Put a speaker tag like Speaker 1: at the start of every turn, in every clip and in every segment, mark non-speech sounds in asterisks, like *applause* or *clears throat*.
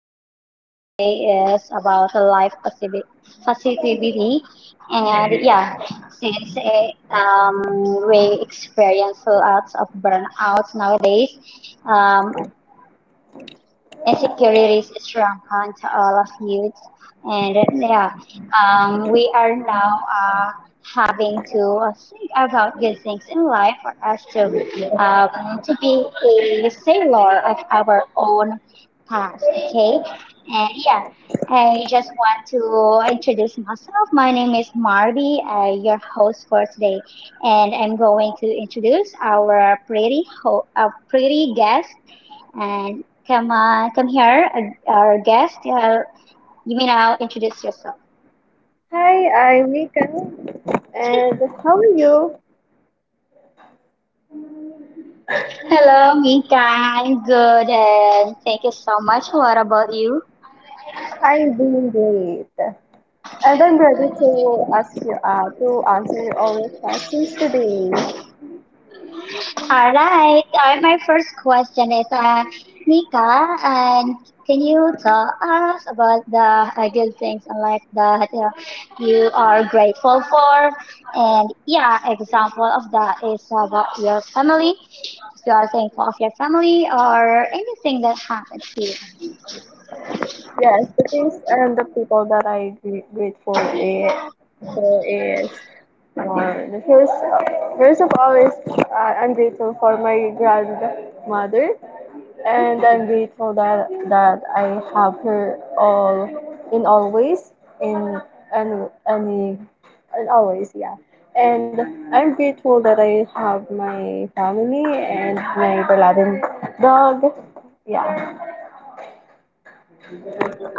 Speaker 1: Our topic for today is about the positivity. And yeah, since we experience lots of burnout nowadays, um, insecurities strong on to all of youth and yeah we are now uh, having to think about good things in life for us um, to be a sailor of our own path. Okay, and yeah, I just want to introduce myself. My name is Marby, your host for today, and I'm going to introduce our pretty guest and come on, come here, our guest. You may now introduce yourself.
Speaker 2: Hi, I'm Nika, and how are you?
Speaker 1: Hello, Mika. I'm good, and thank you so much. What about you?
Speaker 2: I'm doing great, and I'm ready to ask you to answer all your questions today.
Speaker 1: All right. My first question is, Mika, and can you tell us about the good things in life that you are grateful for? And yeah, example of that is about your family. If you are thankful of your family or anything that happened to you.
Speaker 2: Yes, the things and the people that grateful for is the first. First of all, is I'm grateful for my grandmother and I'm grateful that I have her all in always in and any and always, yeah. And I'm grateful that I have my family and my beloved dog. Yeah.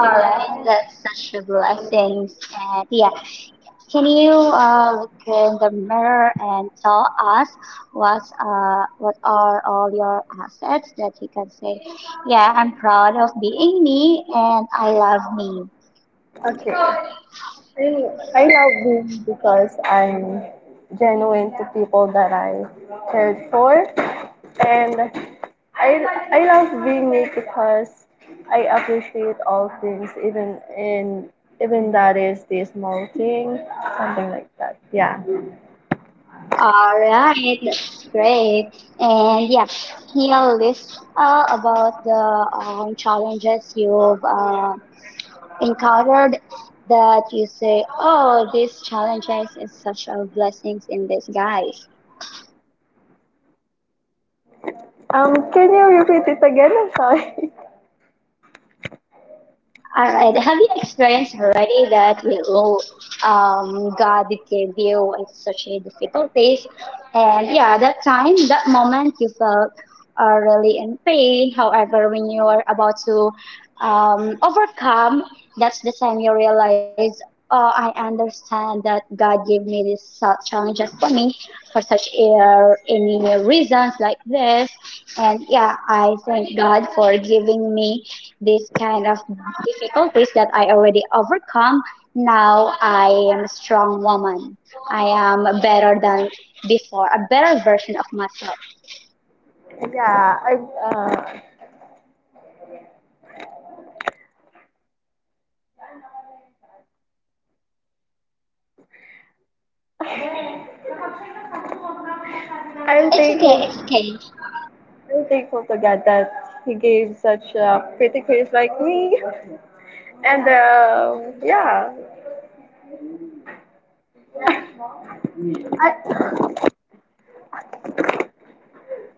Speaker 1: All right, that's such a blessing. And yeah, can you look in the mirror and tell us what are all your assets that you can say, yeah, I'm proud of being me and I love me.
Speaker 2: Okay. I love him because I'm genuine to people that I cared for, and I, I love being me because I appreciate all things, even in even that is the small thing, something like that. Yeah.
Speaker 1: All right, that's great. And yeah, here list about the challenges you've encountered that you say, oh, these challenges is such a blessings in disguise?
Speaker 2: Can you repeat it again? I'm sorry.
Speaker 1: All right. Have you experienced already that God gave you such a difficulties, and yeah, that time, that moment, you felt really in pain. However, when you are about to overcome, that's the time you realize, oh, I understand that God gave me these challenges for me for such a, any reasons like this, and yeah, I thank God for giving me this kind of difficulties that I already overcome. Now I am a strong woman. I am better than before, a better version of myself.
Speaker 2: *laughs* Yeah, I'm
Speaker 1: It's okay,
Speaker 2: thankful.
Speaker 1: it's okay.
Speaker 2: I'm thankful to God that He gave such a pretty face like me, and yeah.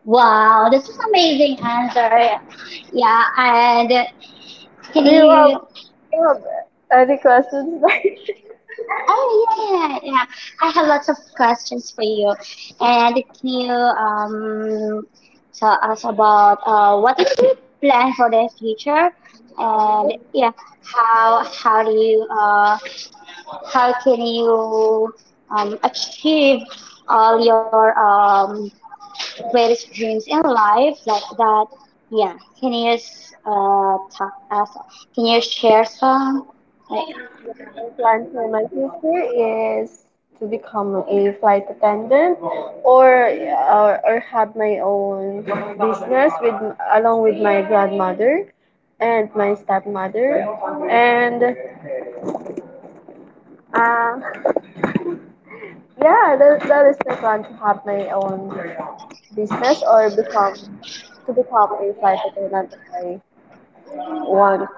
Speaker 1: Wow, this is amazing answer. Yeah, and can
Speaker 2: Do you have,
Speaker 1: you?
Speaker 2: do you have any questions? *laughs*
Speaker 1: Oh yeah, yeah, yeah, I have lots of questions for you, and can you tell us about what is your plan for the future, and yeah, how do you how can you achieve all your greatest dreams in life like that, yeah, talk us, can you share some like.
Speaker 2: My plan for my future is to become a flight attendant or have my own business with along with my grandmother and my stepmother and uh, yeah that is my plan to have my own business or become to become a flight attendant that I want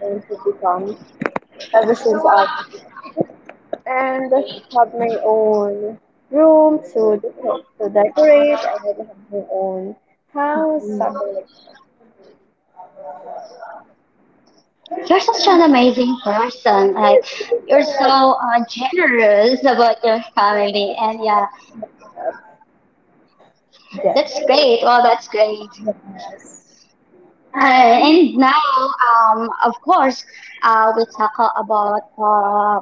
Speaker 2: to become ever since I was, and have my own room to decorate. I would have my own house,
Speaker 1: Mm.
Speaker 2: something
Speaker 1: You're such an amazing person. Like you're so generous about your family, and yeah,
Speaker 2: like
Speaker 1: that's
Speaker 2: that.
Speaker 1: great. Well, that's great.
Speaker 2: Yes.
Speaker 1: And now, of course, we talk about uh,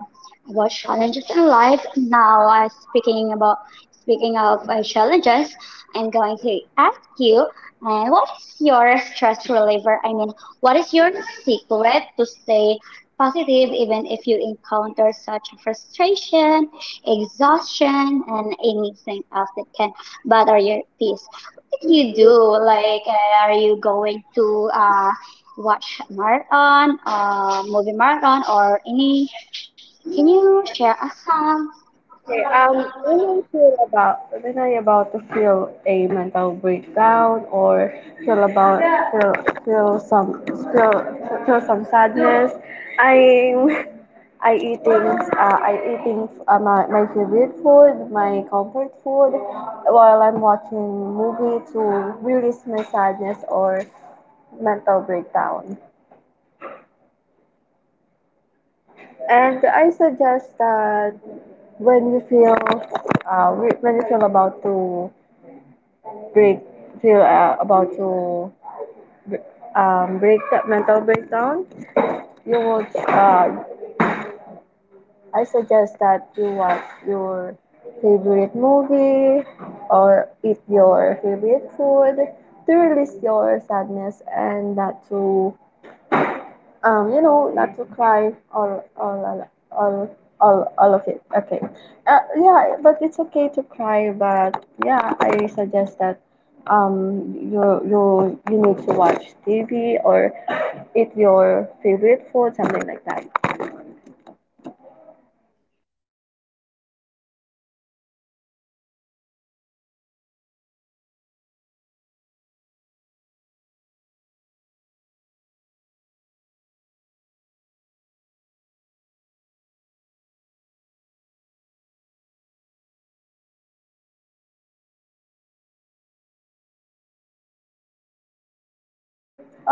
Speaker 1: about challenges in life. Now, speaking of challenges, I'm going to ask you, what is your stress reliever? I mean, what is your secret to stay positive even if you encounter such frustration, exhaustion, and anything else that can bother your peace? What do you do? Like, are you going to watch marathon, movie marathon, or any? Can you share us some?
Speaker 2: Okay, when I feel about when I about to feel a mental breakdown or feel about feel feel some feel feel some sadness, I *laughs* I eating my favorite food, my comfort food, while I'm watching movie to release my sadness or mental breakdown. And I suggest that when you feel when you feel about to break feel about to break that mental breakdown, you would I suggest that you watch your favorite movie or eat your favorite food to release your sadness and not to not to cry, all of it. Okay. Yeah, but it's okay to cry, but yeah, I suggest that um you you need to watch TV or eat your favorite food, something like that.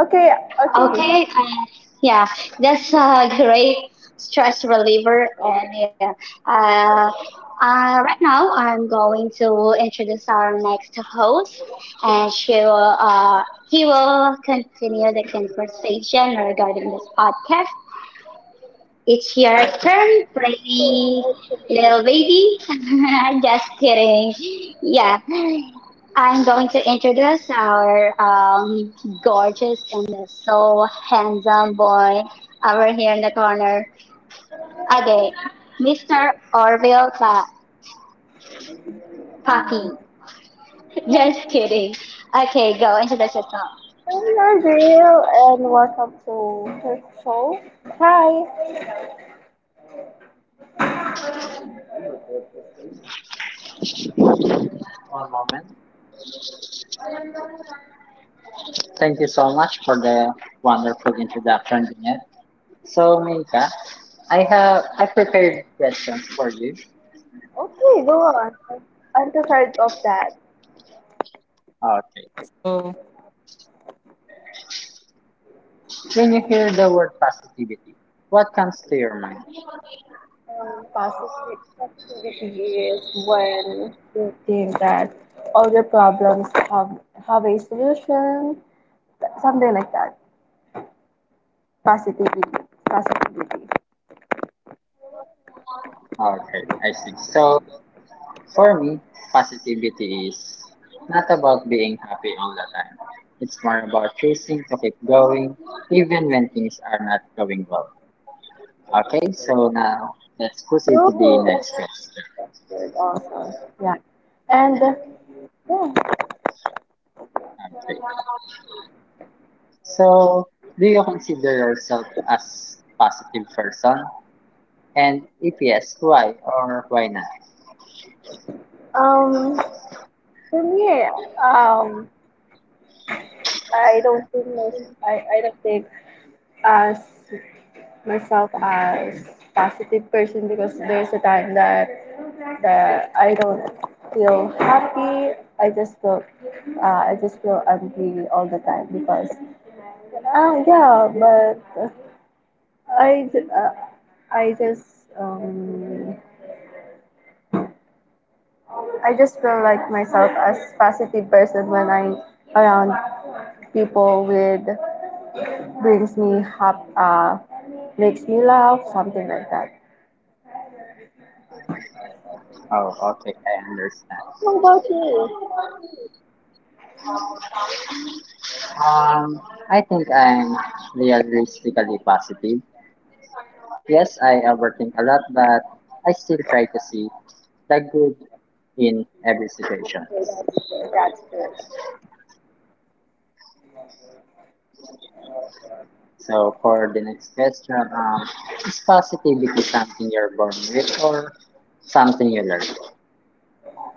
Speaker 2: Okay, okay.
Speaker 1: Okay, yeah, that's a great stress reliever, and yeah, uh, right now I'm going to introduce our next host, and she will, he will continue the conversation regarding this podcast. It's your turn, pretty little baby. *laughs* Just kidding. Yeah, I'm going to introduce our gorgeous and so handsome boy over here in the corner. Okay, Mr. Orville Kaki. *laughs* Just kidding. Okay, go introduce yourself.
Speaker 2: I'm Nazil, and welcome to her show. Hi. Okay, go on. I'm tired of that.
Speaker 1: Oh.
Speaker 2: Passive activity is when you think that all your problems have a solution, something like that. Positivity, positivity. Okay, that's good. Also, yeah. And yeah, um, for me, um, I don't think as myself as positive person because there's a time that I don't feel happy. I just feel angry all the time because, yeah, but I, ju- uh, I just, um, I just feel like myself as positive person when I'm around people with brings me makes me laugh, something like that.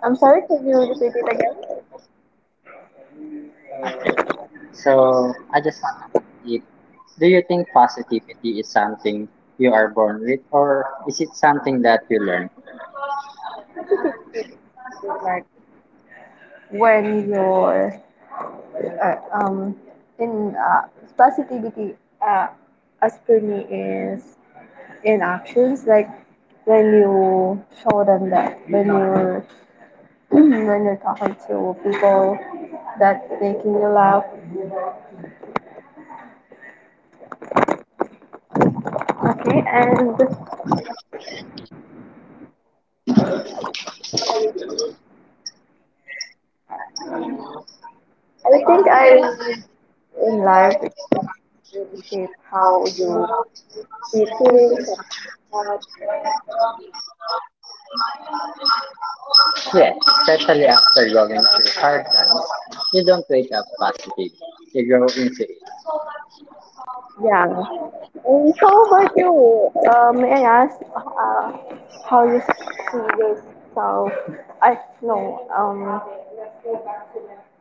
Speaker 2: I'm sorry, can you repeat it again? What is it? Like when you're uh, um, in positivity uh, as per me is in actions like when you show them that when you're *clears throat* when you're talking to people that making you laugh, okay, and I think I in life, it really shape how you see things, like, yeah. And how about you? May I ask how you see yourself? I no. Um,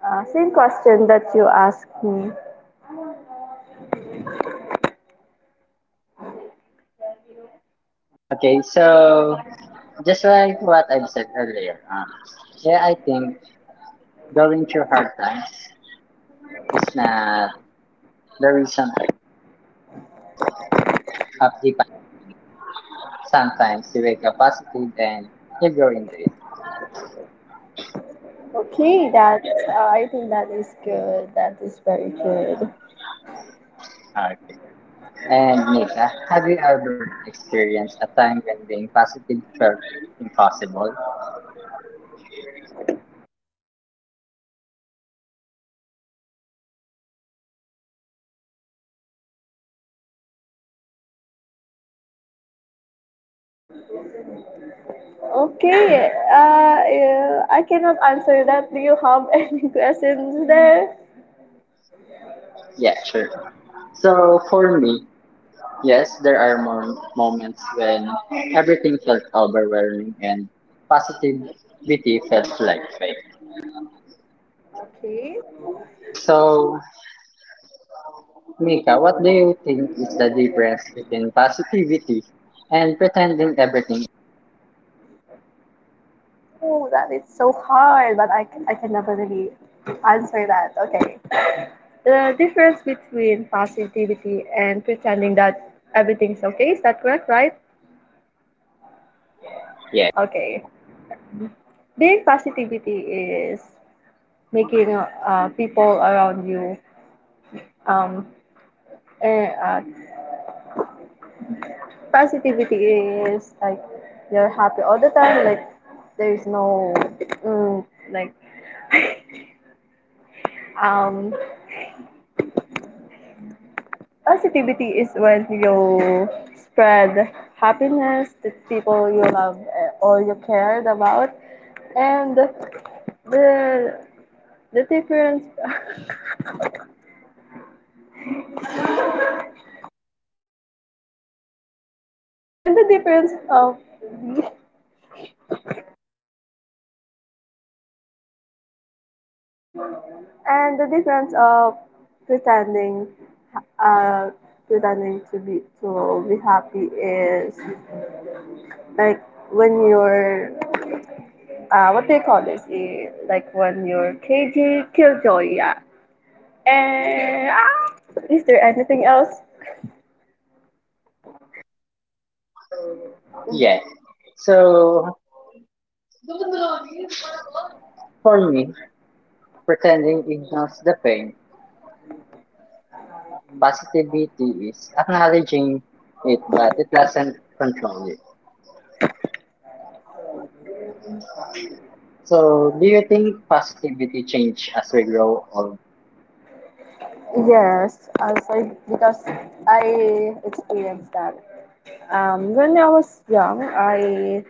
Speaker 2: uh, Same question that you asked me. Okay, that's, I think that is good. That is very good. Okay. Yeah, I cannot answer that. Do you have *laughs* any questions there? Okay. Oh, that is so hard, but I can definitely answer that. Okay. The difference between positivity and pretending that everything's okay, is that correct, right? Okay. Being positivity is making people around you um and positivity is like you're happy all the time, like there's no mm, like *laughs* um positivity is when you spread happiness to people you love, or you cared about, and the the difference *laughs* and the difference of and the difference of pretending uh to be happy is like when you're what do you call this? Eh, like when you're cagey killjoy, yeah, and ah, is there anything else? Yes, as I, because I experienced that. When I was young,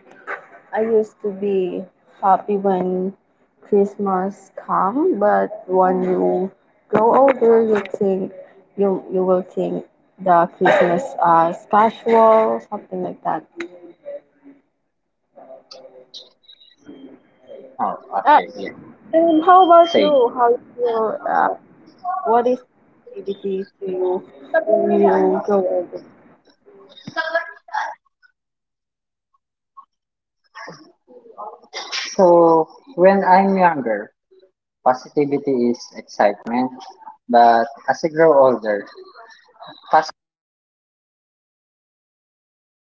Speaker 2: I used to be happy when Christmas come, but when you grow older, you think you will think the Christmas as casual, something like that. Uh, and how about you? How you feel? What is activity to you when you grow older?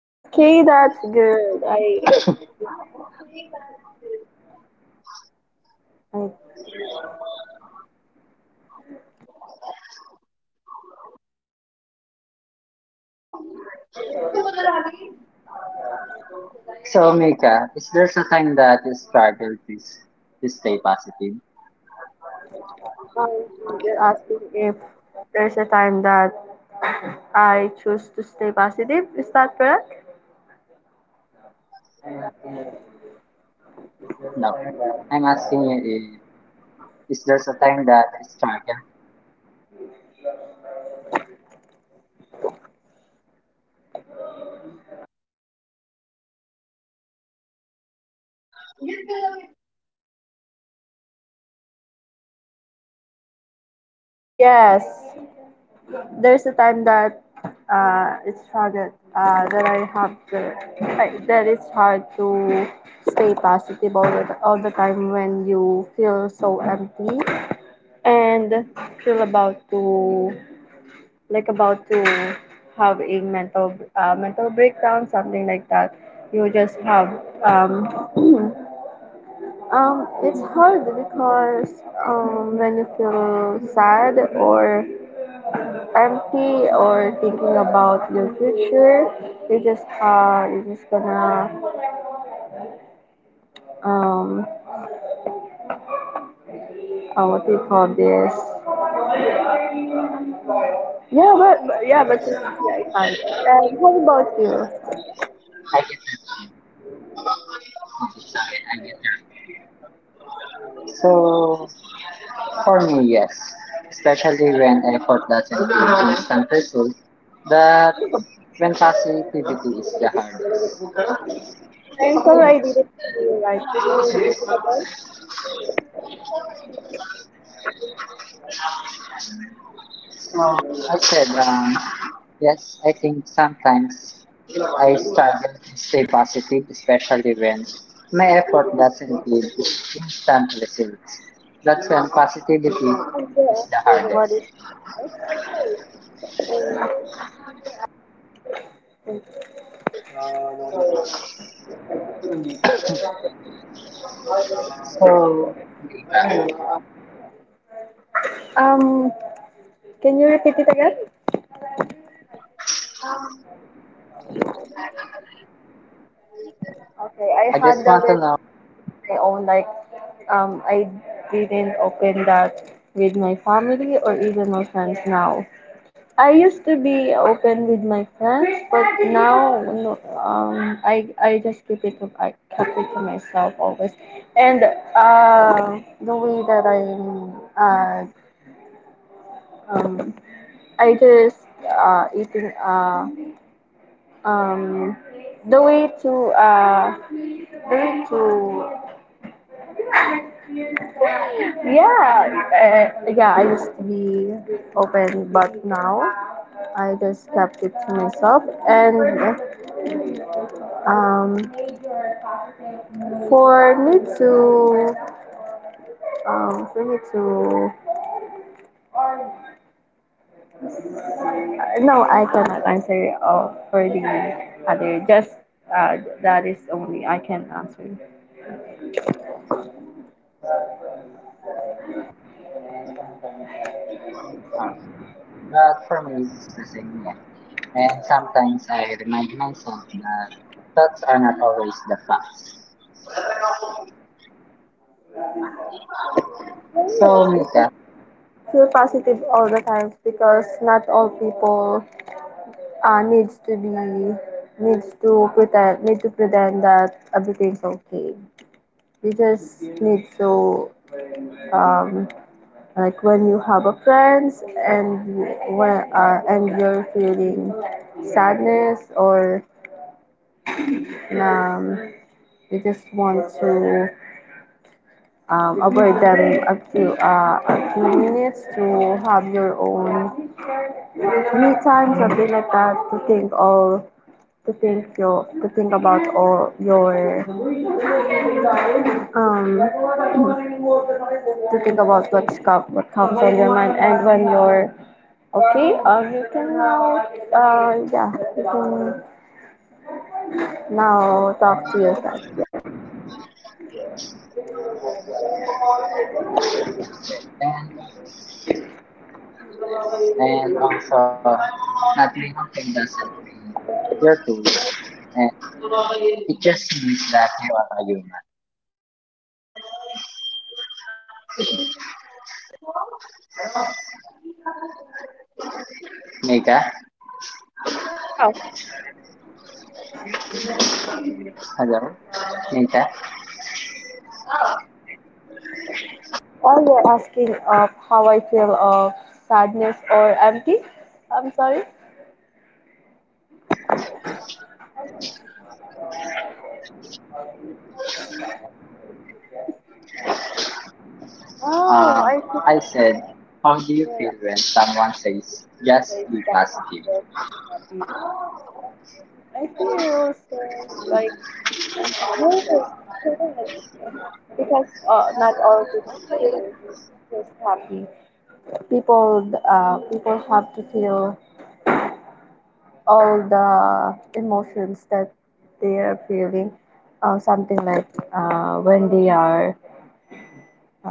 Speaker 2: Okay, that's good. I Um, you're asking if there's a time that I choose to stay positive. Is that correct? Yes. There's a time that it's hard that I have to, that it's hard to stay positive all the time when you feel so empty and feel about to, like, about to have a mental mental breakdown, something like that. You just have um *clears throat* it's hard because when you feel sad or empty or thinking about your future, you just gonna um, what do you call this? Yeah, but yeah, but just, yeah, it's hard. And how about you? I'm sorry, I didn't hear you right. Can you repeat it again? Um, can you repeat it again? Okay, I handle it my own, like, I didn't open that with my family or even my friends now. I used to be open with my friends, but now no, I just keep it to I kept it to myself always. And the way that I'm um, I just eating um, the way to uh, the way to, yeah, yeah, I used to be open, but now I just kept it to myself. And um, for me to, for me to, no, I cannot answer for the other. Just that is only I can answer. Yes, it's a feel positive all the time because not all people uh, needs to be needs to pretend need to pretend that everything's okay. You just need to um, like when you have a friends and you- when and you're feeling sadness or um, you just want to avoid them a few minutes to have your own me time, something like that, to think all to think your to think about all your um to think about what comes on your mind, and when you're okay, you can now, yeah, you can now talk to yourself. Yeah. Oh, or you're asking of how I feel of sadness or empty. I'm sorry. Happy, happy. People, people have to feel all the emotions that they are feeling. Something like when they are, uh,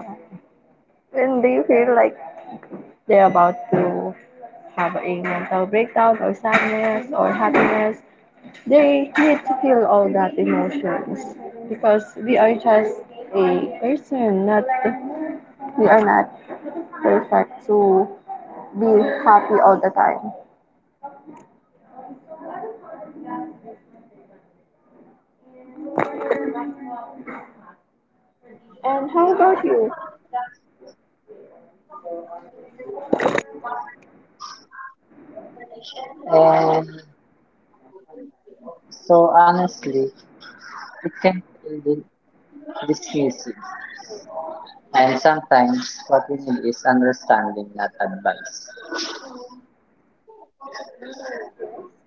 Speaker 2: when they feel like they're about to have a mental breakdown or sadness or happiness, they need to feel all that emotions because we are just a person, not we are not perfect to be happy all the time. And how about you?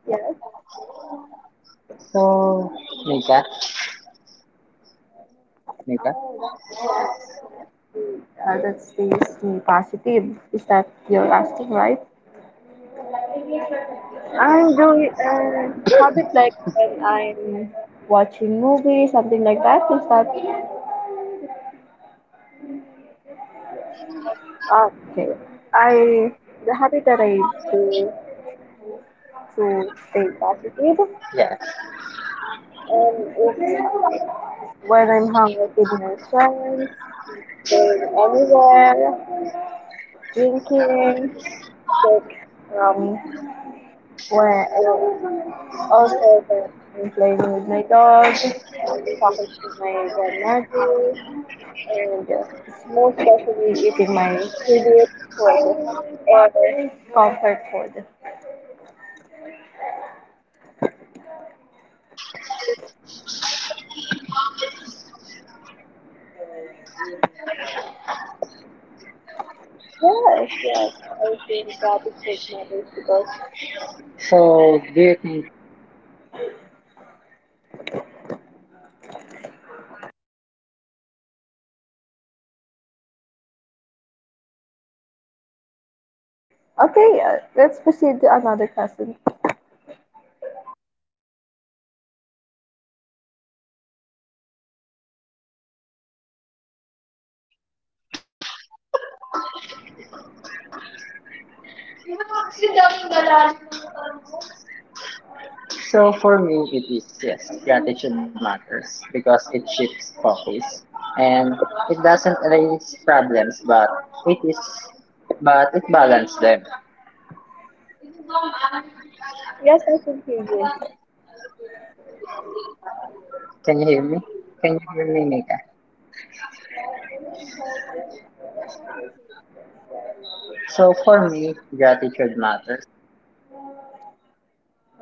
Speaker 2: Yes. Oh, that's the uh, that's the positive. Is that you're asking, right? I'm doing a habit like when I'm watching movies, something like that. Is that okay? I the habit that I do to stay positive is when I'm hung out with my friends, going anywhere, drinking, like, um, when also when I'm playing with my dog, talking to my grandmother, and most especially eating my favorite food or comfort food. Yes, yes, I think that it would matter because okay, let's proceed to another question. Yes, I can hear you.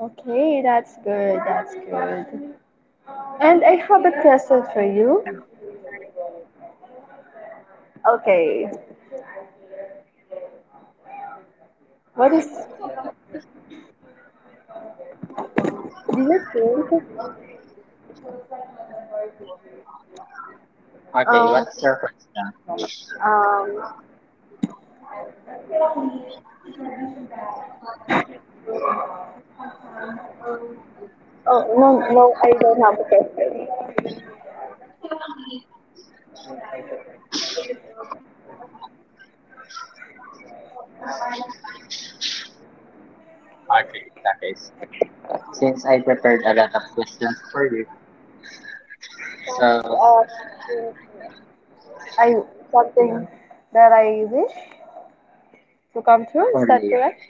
Speaker 2: Okay, that's good. That's good. And I have a question for you. Okay, what is do you think? Um, um, oh no, no, I don't have a question. Some uh, think I something that I wish to come true. Is that correct?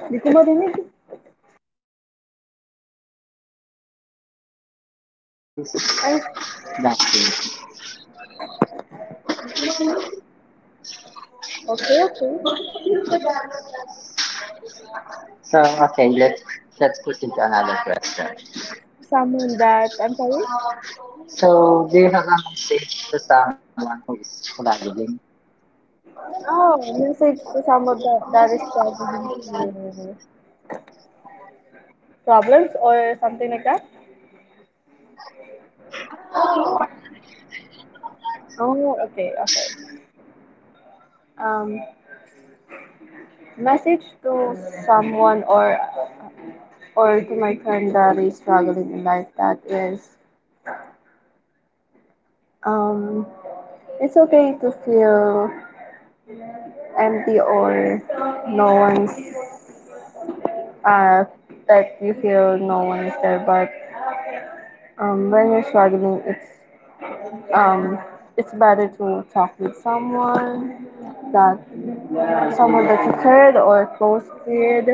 Speaker 2: Hindi ko marinig. I'm okay, okay. Someone that, I'm sorry? Oh, message to someone that, that is struggling through problems or something like that? Oh, okay, okay. Um, message to someone or to my friend that is struggling in life that is, um, it's okay to feel empty or no one's uh, that you feel no one is there. But when you're struggling, um, it's better to talk with that someone that you cared or close with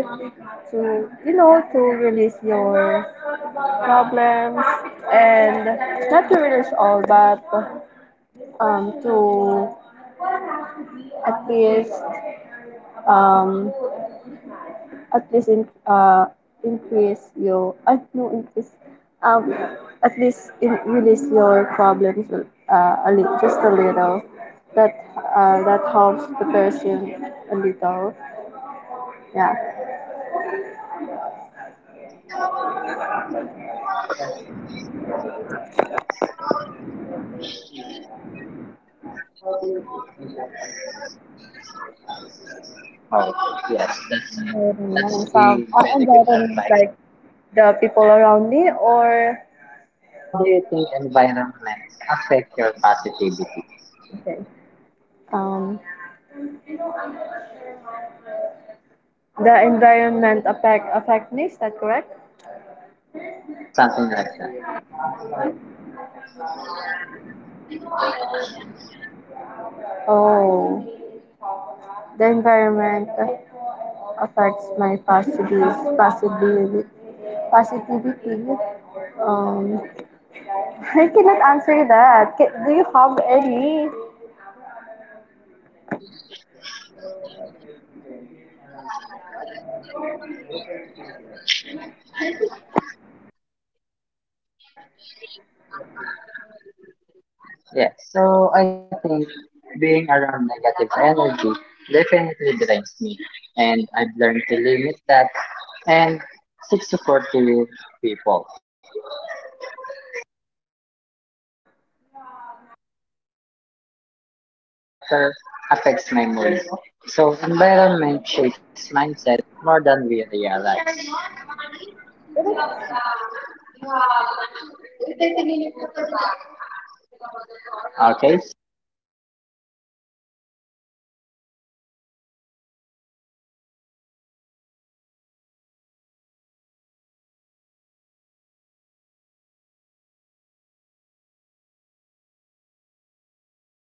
Speaker 2: to, you know, to release your problems, and not to release all but to at least um, at least in, increase your I no increase um at least in, release your problems a little, just a little that that helps the person a little, yeah. Environment, and some environment like the people around me or okay um the environment affect me, is that correct? Oh, the environment affects my positive positivity. Positivity. Um, I cannot answer that. Ca- Do you have any?